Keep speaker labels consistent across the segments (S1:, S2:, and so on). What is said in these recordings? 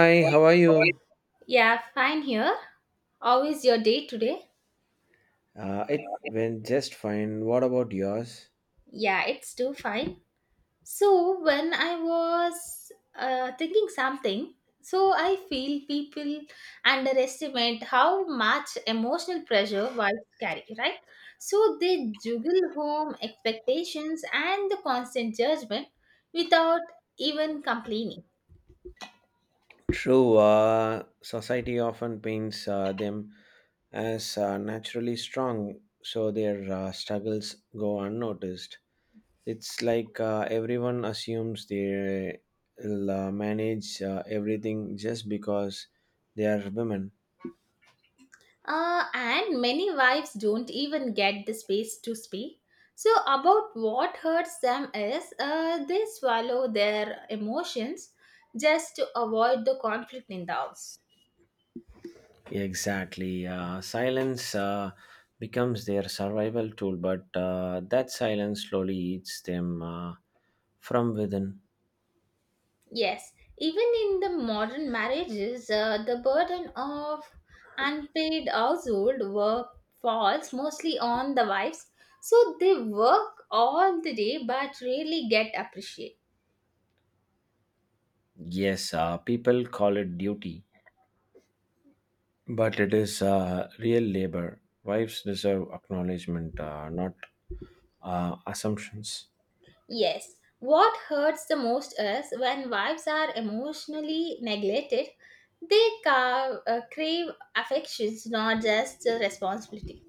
S1: Hi, how are you?
S2: Yeah, fine here. How is your day today?
S1: It went just fine. What about yours?
S2: Yeah, it's too fine. So, when I was thinking something, so I feel people underestimate how much emotional pressure wives carry, right? So, they juggle home expectations and the constant judgment without even complaining.
S1: True, society often paints them as naturally strong, so their struggles go unnoticed. It's like everyone assumes they'll manage everything just because they are women.
S2: And many wives don't even get the space to speak. So, about what hurts them is they swallow their emotions just to avoid the conflict in the house.
S1: Exactly. Silence becomes their survival tool, but that silence slowly eats them from within.
S2: Yes, even in the modern marriages, the burden of unpaid household work falls mostly on the wives. So, they work all the day but rarely get appreciated.
S1: Yes, people call it duty, but it is real labor. Wives deserve acknowledgement, not assumptions.
S2: Yes, what hurts the most is when wives are emotionally neglected, they crave affections, not just the responsibility.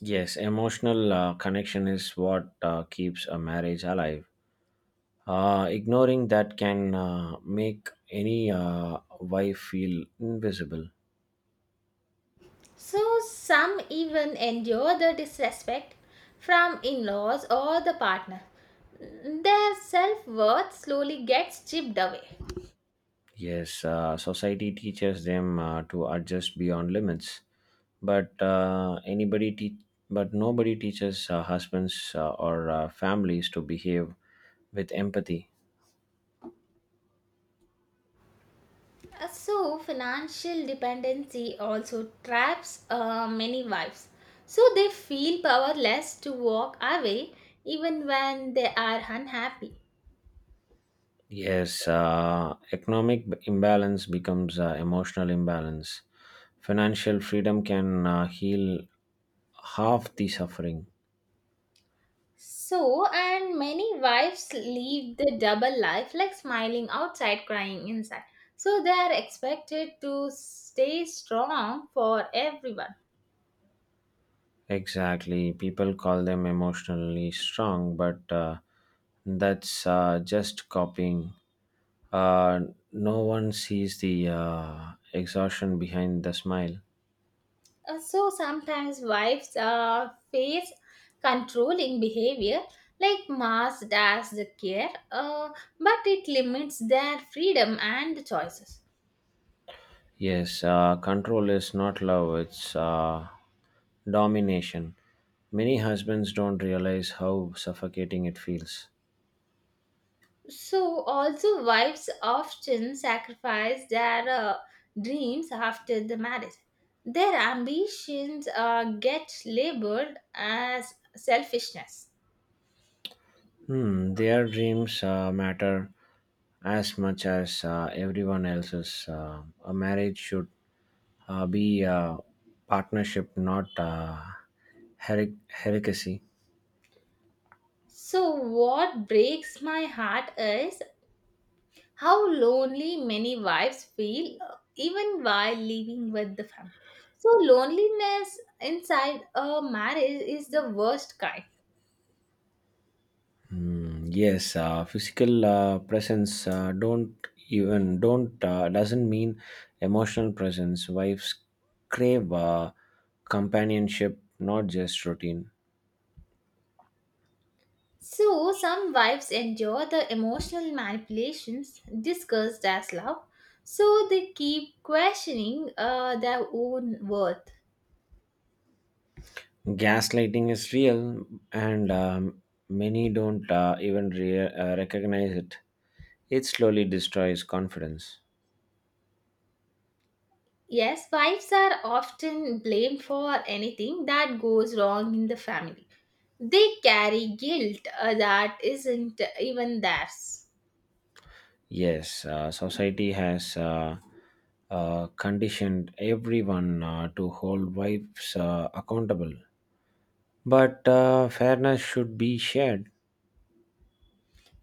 S1: Yes, emotional connection is what keeps a marriage alive. Ignoring that can make any wife feel invisible.
S2: So, some even endure the disrespect from in laws or the partner. Their self worth slowly gets chipped away.
S1: Yes, society teaches them to adjust beyond limits, but nobody teaches husbands or families to behave with empathy.
S2: So, financial dependency also traps many wives. So, they feel powerless to walk away even when they are unhappy.
S1: Yes, imbalance becomes emotional imbalance. Financial freedom can heal half the suffering.
S2: So, and many wives live the double life like smiling outside, crying inside. So, they are expected to stay strong for everyone.
S1: Exactly. People call them emotionally strong, but that's just copying. Uh, no one sees the exhaustion behind the smile.
S2: So sometimes wives face controlling behavior like Mars does the care, but it limits their freedom and choices.
S1: Yes, control is not love, it's domination. Many husbands don't realize how suffocating it feels.
S2: So also wives often sacrifice their dreams after the marriage. Their ambitions get labeled as selfishness.
S1: Hmm, their dreams matter as much as everyone else's. A marriage should be a partnership, not heresy.
S2: So what breaks my heart is how lonely many wives feel even while living with the family. So, loneliness inside a marriage is the worst kind.
S1: Hmm, yes, physical presence don't even don't doesn't mean emotional presence. Wives crave companionship, not just routine.
S2: So, some wives endure the emotional manipulations discussed as love, so they keep questioning their own worth.
S1: Gaslighting is real and many don't even recognize it. It slowly destroys confidence.
S2: Yes, wives are often blamed for anything that goes wrong in the family. They carry guilt that isn't even theirs.
S1: Yes, society has conditioned everyone to hold wives accountable, but fairness should be shared.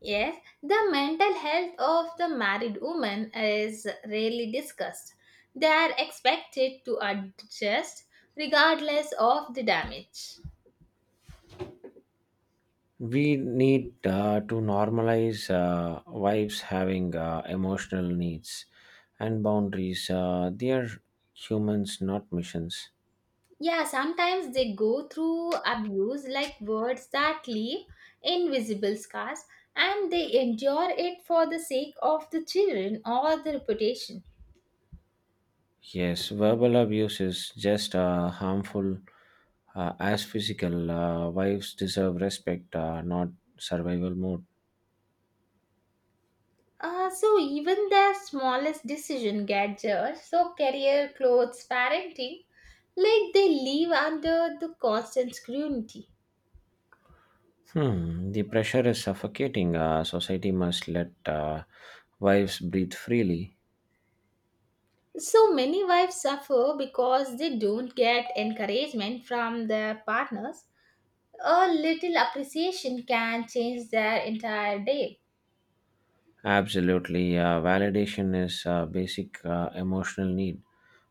S2: Yes, the mental health of the married woman is rarely discussed. They are expected to adjust regardless of the damage.
S1: We need to normalize wives having emotional needs and boundaries. They are humans, not missions.
S2: Yeah, sometimes they go through abuse like words that leave invisible scars and they endure it for the sake of the children or the reputation.
S1: Yes, verbal abuse is just harmful as physical. Wives deserve respect, not survival mode.
S2: So even their smallest decision get judged. So career, clothes, parenting, like they live under the constant scrutiny.
S1: Hmm, the pressure is suffocating. Society must let wives breathe freely.
S2: So many wives suffer because they don't get encouragement from their partners. A little appreciation can change their entire day.
S1: Absolutely. Validation is a basic emotional need.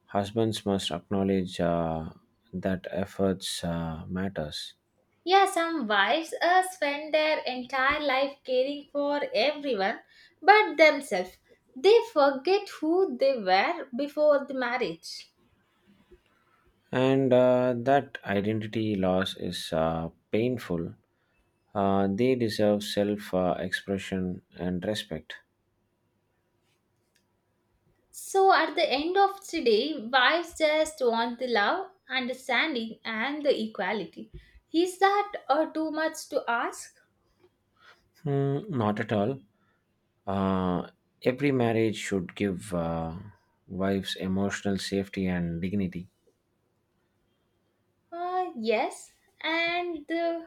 S1: Husbands must acknowledge that efforts matters.
S2: Yeah, some wives spend their entire life caring for everyone but themselves. They forget who they were before the marriage.
S1: And that identity loss is painful. They deserve self expression and respect.
S2: So at the end of the day, wives just want the love, understanding, and the equality. Is that too much to ask?
S1: Hmm, not at all. Uh, every marriage should give wives emotional safety and dignity.
S2: Yes, and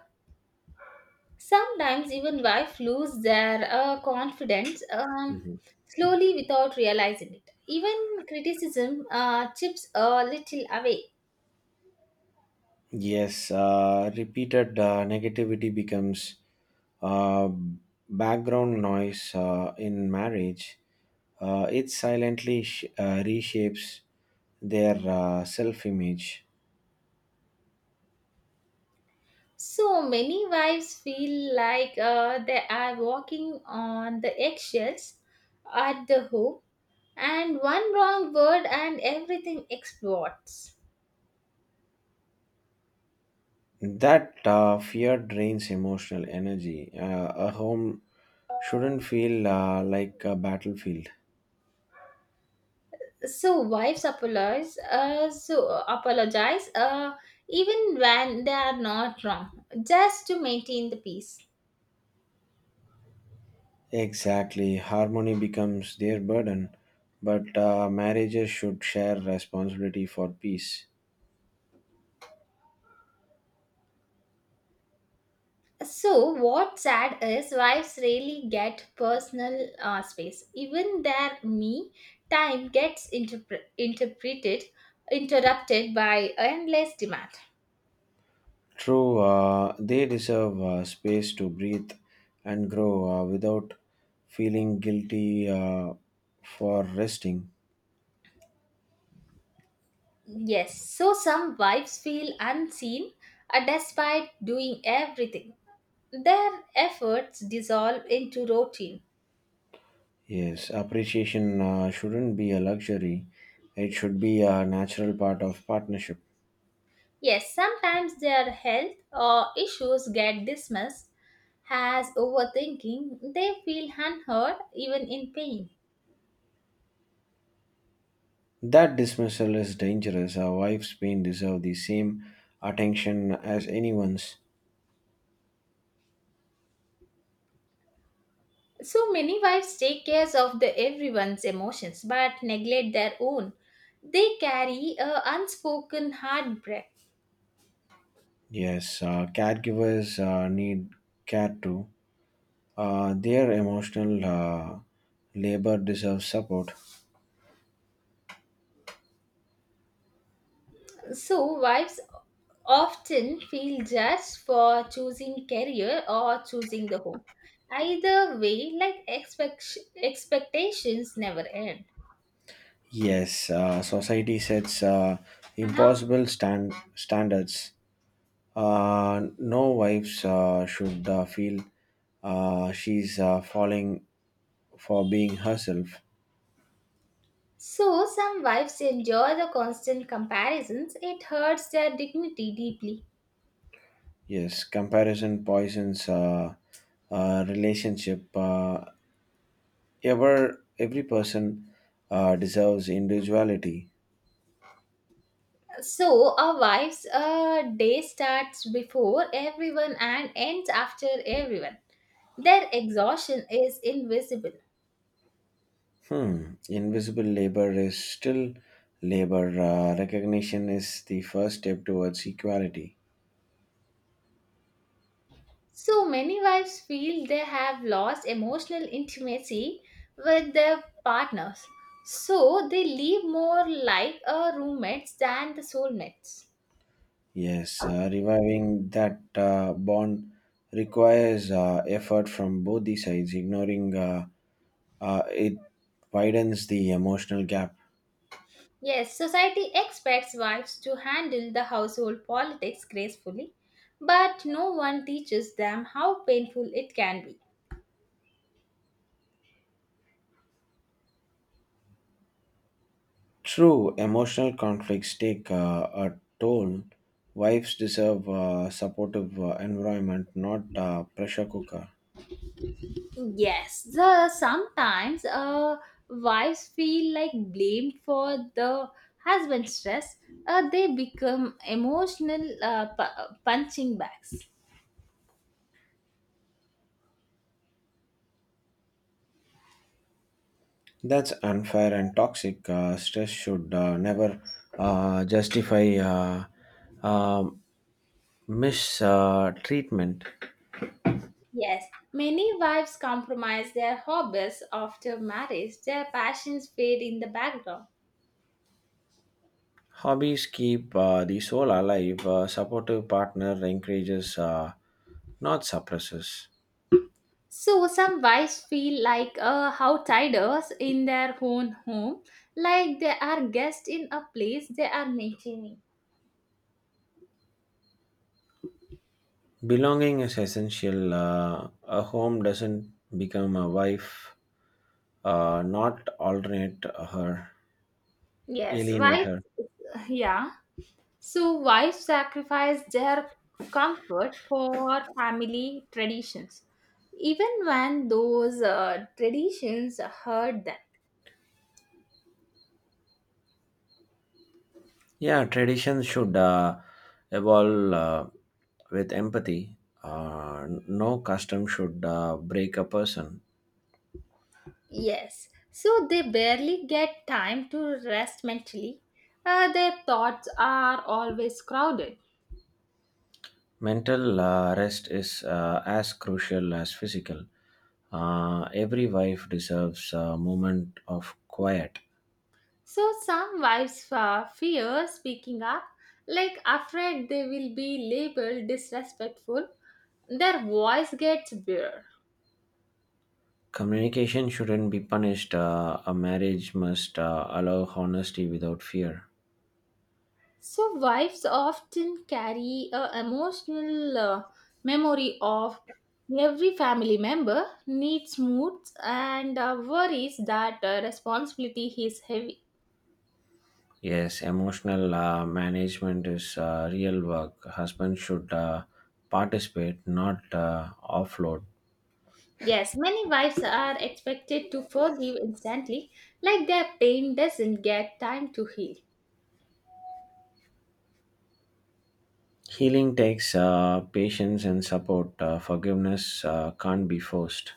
S2: sometimes even wives lose their confidence slowly without realizing it. Even criticism chips a little away.
S1: Yes, repeated negativity becomes uh, background noise in marriage. It silently reshapes their self image.
S2: So many wives feel like they are walking on the eggshells at the home, and one wrong word and everything explodes.
S1: That fear drains emotional energy. A home shouldn't feel like a battlefield.
S2: So wives apologize, apologize, even when they are not wrong, just to maintain the peace.
S1: Exactly. Harmony becomes their burden, but marriages should share responsibility for peace.
S2: So, what's sad is wives rarely get personal space. Even their me time gets interpreted, interrupted by endless demand.
S1: True, they deserve space to breathe and grow without feeling guilty for resting.
S2: Yes, so some wives feel unseen despite doing everything. Their efforts dissolve into routine.
S1: Yes, appreciation shouldn't be a luxury, it should be a natural part of partnership.
S2: Yes, sometimes their health or issues get dismissed as overthinking. They feel unheard even in pain.
S1: That dismissal is dangerous. Our wife's pain deserve the same attention as anyone's.
S2: So many wives take care of the everyone's emotions but neglect their own. They carry a unspoken heartbreak.
S1: Yes, caregivers need care too. Their emotional labor deserves support.
S2: So wives often feel judged for choosing career or choosing the home. Either way, like expectations never end.
S1: Yes, society sets impossible standards. No wives should feel she's falling for being herself.
S2: So some wives enjoy the constant comparisons. It hurts their dignity deeply.
S1: Yes, comparison poisons relationship. Every person deserves individuality.
S2: So a wife's day starts before everyone and ends after everyone. Their exhaustion is invisible.
S1: Hmm. Invisible labor is still labor. Recognition is the first step towards equality.
S2: So many wives feel they have lost emotional intimacy with their partners. So they live more like a roommates than the soulmates.
S1: Yes, reviving that bond requires effort from both the sides. Ignoring it widens the emotional gap.
S2: Yes, society expects wives to handle the household politics gracefully, but no one teaches them how painful it can be.
S1: True, emotional conflicts take a toll. Wives deserve a supportive environment, not a pressure cooker.
S2: Yes, the sometimes wives feel like blamed for the husband's stress. They become emotional punching bags.
S1: That's unfair and toxic. Stress should never justify uh, mistreatment.
S2: Yes, many wives compromise their hobbies after marriage. Their passions fade in the background.
S1: Hobbies keep the soul alive. A supportive partner encourages, not suppresses.
S2: So some wives feel like outsiders in their own home, like they are guests in a place they are maintaining.
S1: Belonging is essential. A home doesn't become a wife, not alternate her,
S2: Yes,
S1: alienate
S2: wives.
S1: her.
S2: Yeah. So, wives sacrifice their comfort for family traditions, even when those traditions hurt them.
S1: Yeah, traditions should evolve with empathy. No custom should break a person.
S2: Yes, so they barely get time to rest mentally. Their thoughts are always crowded.
S1: Mental rest is as crucial as physical. Every wife deserves a moment of quiet.
S2: So, some wives fear speaking up, like afraid they will be labeled disrespectful. Their voice gets bare.
S1: Communication shouldn't be punished. A marriage must allow honesty without fear.
S2: So, wives often carry a emotional memory of every family member, needs, moods, and worries that responsibility is heavy.
S1: Yes, emotional management is real work. Husband should participate, not offload.
S2: Yes, many wives are expected to forgive instantly, like their pain doesn't get time to heal.
S1: Healing takes patience and support. Forgiveness can't be forced.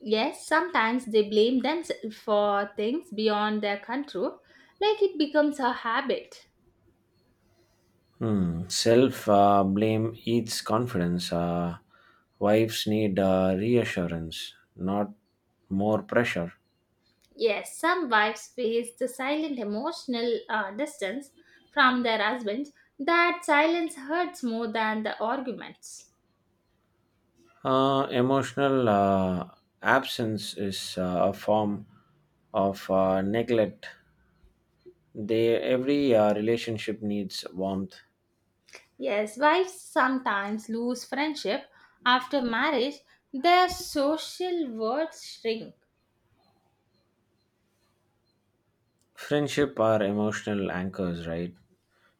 S2: Yes, sometimes they blame themselves for things beyond their control, like it becomes a habit.
S1: Hmm. Self blame eats confidence. Wives need reassurance, not more pressure.
S2: Yes, some wives face the silent emotional distance from their husbands. That silence hurts more than the arguments.
S1: Emotional absence is a form of neglect. They every relationship needs warmth.
S2: Yes, wives sometimes lose friendship after marriage. Their social worlds shrink.
S1: Friendship are emotional anchors, right?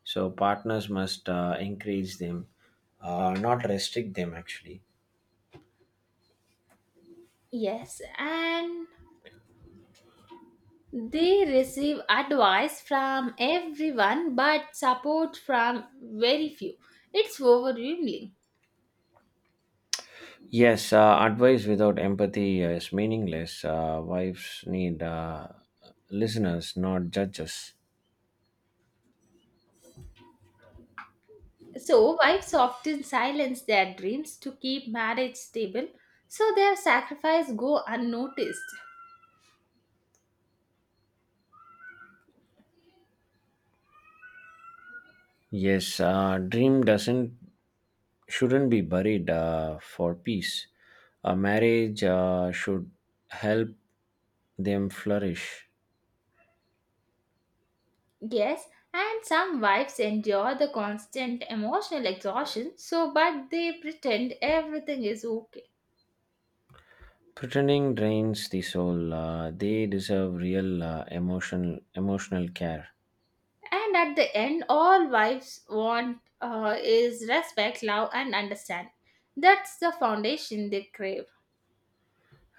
S1: So partners must encourage them, not restrict them. Actually,
S2: Yes, and they receive advice from everyone but support from very few. It's overwhelming.
S1: yes. Advice without empathy is meaningless. Wives need listeners, not judges.
S2: So, wives often silence their dreams to keep marriage stable, so their sacrifice go unnoticed.
S1: Yes, dream doesn't shouldn't be buried for peace. A marriage should help them flourish.
S2: Yes, and some wives endure the constant emotional exhaustion, so but they pretend everything is okay.
S1: Pretending drains the soul. They deserve real emotional care.
S2: And at the end, all wives want is respect, love, and understanding. That's the foundation they crave.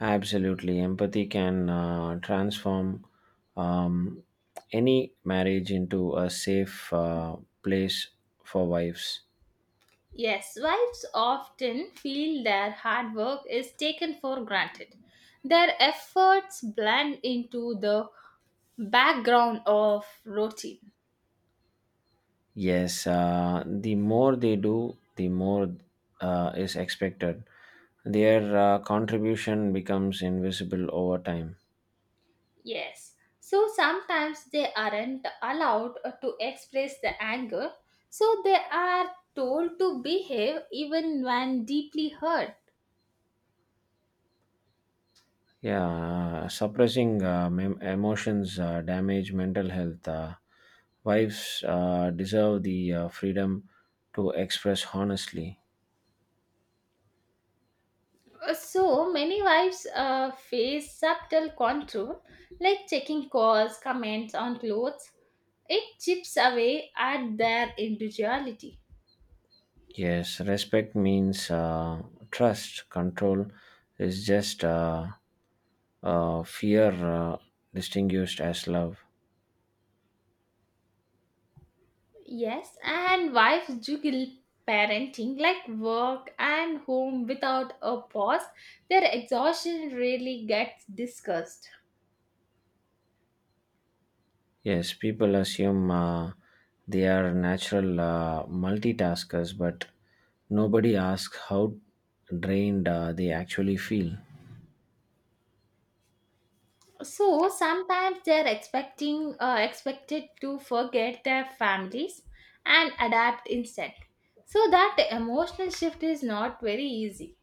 S1: Absolutely, empathy can transform um, any marriage into a safe place for wives.
S2: Yes, wives often feel their hard work is taken for granted. Their efforts blend into the background of routine.
S1: Yes, the more they do, the more is expected. Their contribution becomes invisible over time.
S2: Yes. So sometimes they aren't allowed to express the anger, so they are told to behave even when deeply hurt.
S1: Yeah, suppressing emotions damage mental health. Wives deserve the freedom to express honestly.
S2: So many wives face subtle control, like checking calls, comments on clothes. It chips away at their individuality.
S1: Yes, respect means trust. Control is just fear distinguished as love.
S2: Yes, and wives juggle parenting like work and home without a pause. Their exhaustion really gets discussed.
S1: Yes, people assume they are natural multitaskers, but nobody asks how drained they actually feel.
S2: So sometimes they're expecting expected to forget their families and adapt instantly, so that emotional shift is not very easy.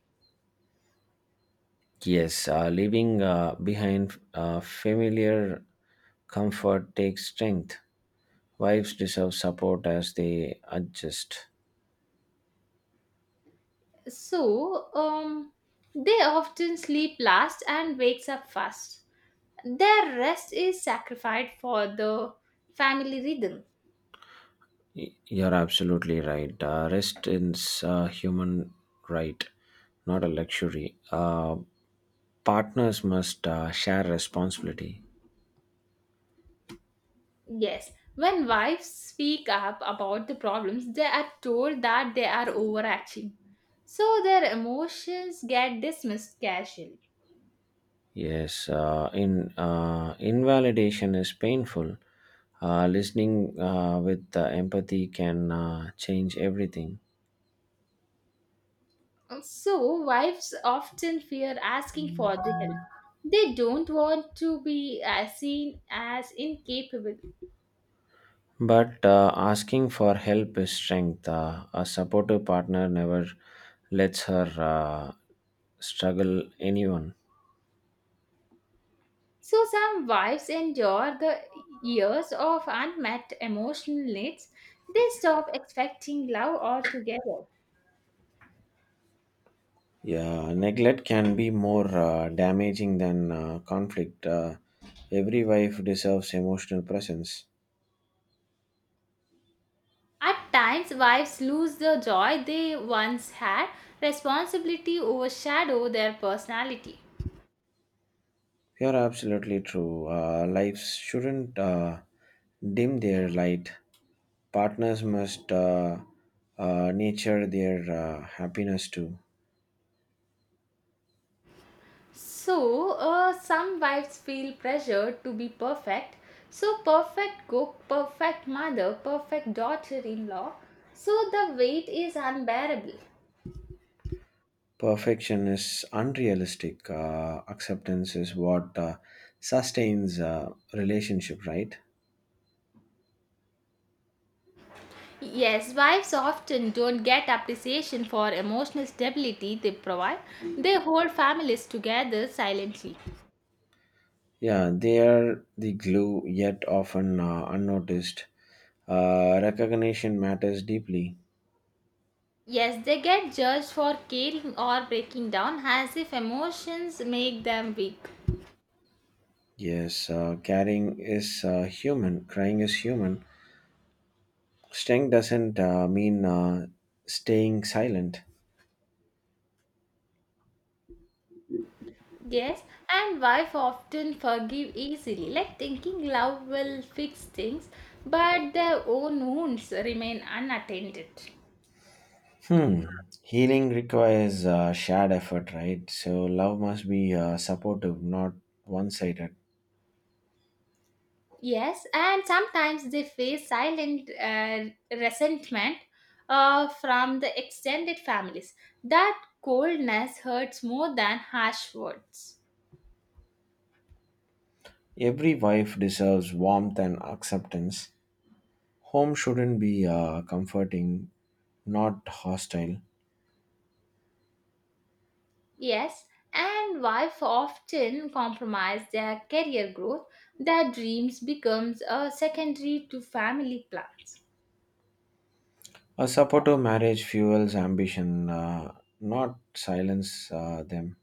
S1: Yes, leaving behind familiar comfort takes strength. Wives deserve support as they adjust.
S2: So they often sleep last and wakes up first. Their rest is sacrificed for the family rhythm.
S1: You're absolutely right. Rest is a human right, not a luxury. Partners must share responsibility.
S2: Yes, when wives speak up about the problems they are told that they are overacting, so their emotions get dismissed casually.
S1: Yes, in invalidation is painful. Listening with empathy can change everything.
S2: So, wives often fear asking for the help. They don't want to be seen as incapable.
S1: But asking for help is strength. A supportive partner never lets her struggle anyone.
S2: So, some wives endure the years of unmet emotional needs. They stop expecting love altogether.
S1: Yeah, neglect can be more damaging than conflict. Every wife deserves emotional presence.
S2: At times, wives lose the joy they once had. Responsibility overshadow their personality.
S1: You're absolutely true. Lives shouldn't dim their light. Partners must nature their happiness too.
S2: So, some wives feel pressured to be perfect. So, perfect cook, perfect mother, perfect daughter in law. So, the weight is unbearable.
S1: Perfection is unrealistic. Acceptance is what sustains relationship, right?
S2: Yes, wives often don't get appreciation for emotional stability they provide. They hold families together silently.
S1: Yeah, they are the glue, yet often unnoticed. Recognition matters deeply.
S2: Yes, they get judged for caring or breaking down as if emotions make them weak.
S1: Yes, caring is human, crying is human. Staying doesn't mean staying silent.
S2: Yes, and wife often forgive easily, like thinking love will fix things, but their own wounds remain unattended.
S1: Hmm. Healing requires shared effort, right? So love must be supportive, not one sided.
S2: Yes, and sometimes they face silent resentment from the extended families. That coldness hurts more than harsh words.
S1: Every wife deserves warmth and acceptance. Home shouldn't be comforting, not hostile.
S2: Yes, and wife often compromise their career growth. Their dreams becomes a secondary to family plans.
S1: A supportive marriage fuels ambition, not silence them.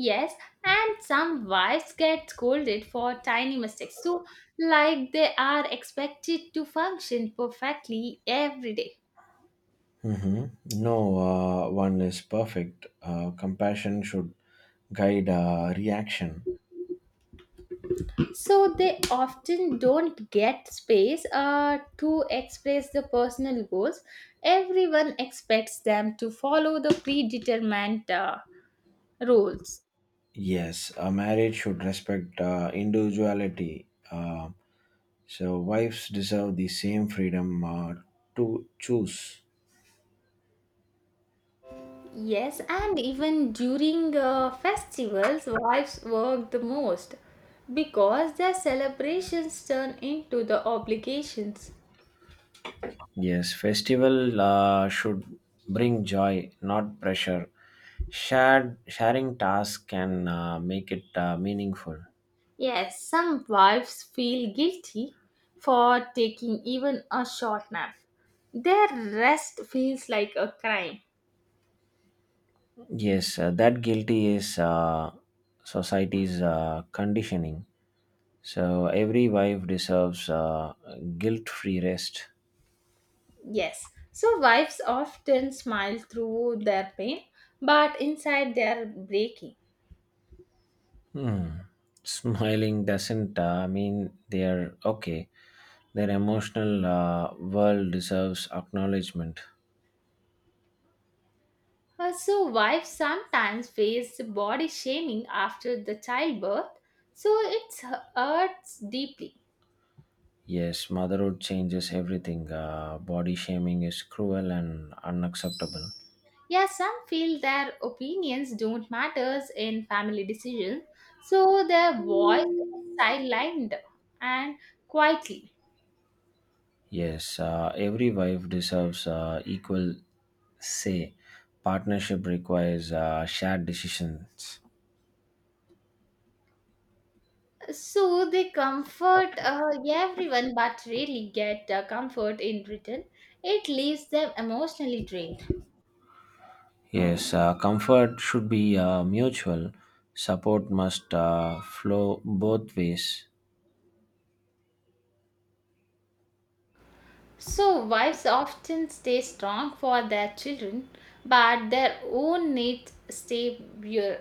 S2: Yes, and some wives get scolded for tiny mistakes. So, like they are expected to function perfectly every day.
S1: Hmm. No one is perfect. Compassion should guide reaction.
S2: So they often don't get space to express the personal goals. Everyone expects them to follow the predetermined rules.
S1: Yes, a marriage should respect individuality. So wives deserve the same freedom to choose.
S2: Yes, and even during festivals, wives work the most because their celebrations turn into the obligations.
S1: Yes, festival should bring joy, not pressure. Shared sharing tasks can make it meaningful.
S2: Yes, some wives feel guilty for taking even a short nap. Their rest feels like a crime.
S1: Yes, that guilty is society's conditioning. So every wife deserves guilt-free rest.
S2: Yes, so wives often smile through their pain, but inside they are breaking.
S1: Hmm. Smiling doesn't mean they're okay. Their emotional world deserves acknowledgement.
S2: So, wives sometimes face body shaming after the childbirth, so it hurts deeply.
S1: Yes, motherhood changes everything. Body shaming is cruel and unacceptable.
S2: Yeah, some feel their opinions don't matter in family decisions, so their voice is sidelined and quietly.
S1: Yes, every wife deserves equal say. Partnership requires shared decisions.
S2: So they comfort everyone but rarely get comfort in return. It leaves them emotionally drained.
S1: Yes, comfort should be mutual. Support must flow both ways.
S2: So, wives often stay strong for their children, but their own needs stay pure.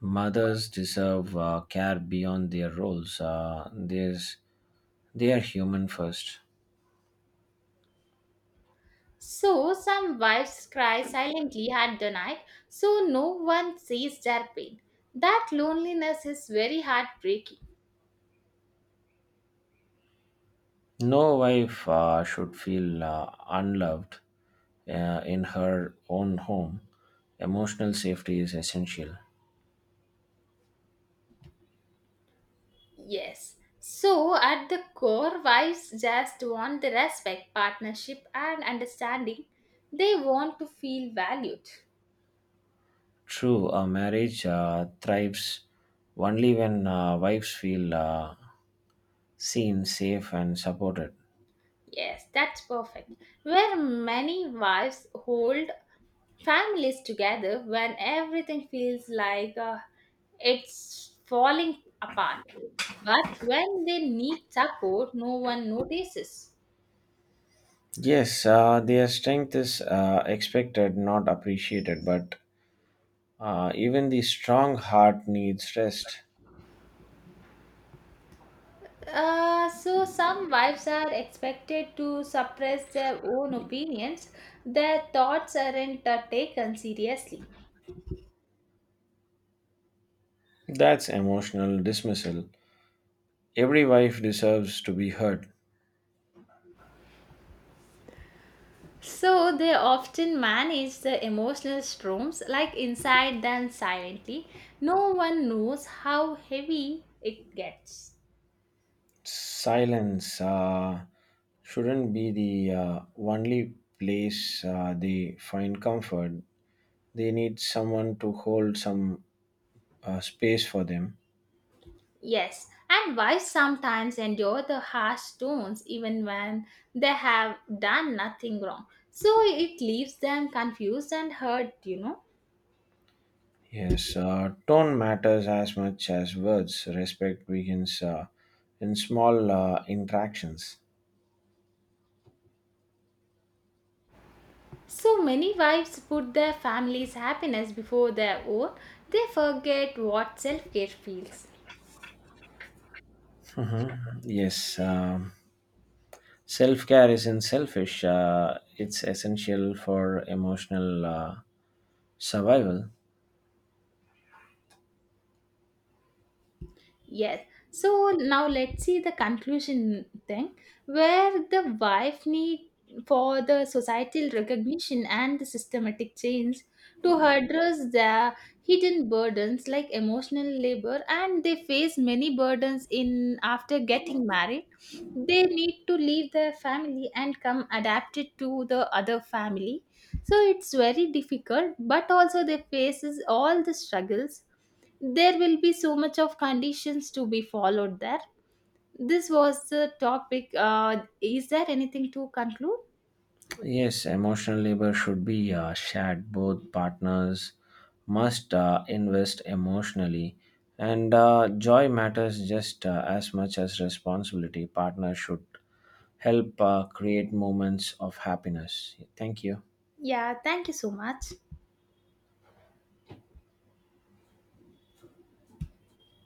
S1: Mothers deserve care beyond their roles. They are human first.
S2: So, some wives cry silently at the night, so no one sees their pain. That loneliness is very heartbreaking.
S1: No wife should feel unloved in her own home. Emotional safety is essential.
S2: Yes. So, at the core, wives just want the respect, partnership, and understanding. They want to feel valued.
S1: True, a marriage thrives only when wives feel seen, safe, and supported.
S2: Yes, that's perfect. Where many wives hold families together when everything feels like it's falling apart. But when they need support, no one notices.
S1: Yes, their strength is expected, not appreciated, but even the strong heart needs rest.
S2: So some wives are expected to suppress their own opinions. Their thoughts aren't taken seriously.
S1: That's emotional dismissal. Every wife deserves to be heard.
S2: So they often manage the emotional storms like inside them silently. No one knows how heavy it gets.
S1: Silence shouldn't be the only place they find comfort. They need someone to hold some space for them.
S2: Yes, and wives sometimes endure the harsh tones even when they have done nothing wrong, So it leaves them confused and hurt.
S1: Yes, tone matters as much as words. Respect begins in small interactions.
S2: So many wives put their family's happiness before their own. They forget what self care feels.
S1: Yes, self care isn't selfish, it's essential for emotional survival.
S2: Yes. So now let's see the conclusion thing where the wife need for the societal recognition and the systematic change to address their hidden burdens like emotional labor, and they face many burdens in after getting married. They need to leave their family and come adapted to the other family, so it's very difficult, but also they faces all the struggles. There will be so much of conditions to be followed there. This was the topic. Is there anything to conclude?
S1: Yes, emotional labor should be shared. Both partners must invest emotionally, and joy matters just as much as responsibility. Partners should help create moments of happiness. Thank you.
S2: Yeah, thank you so much.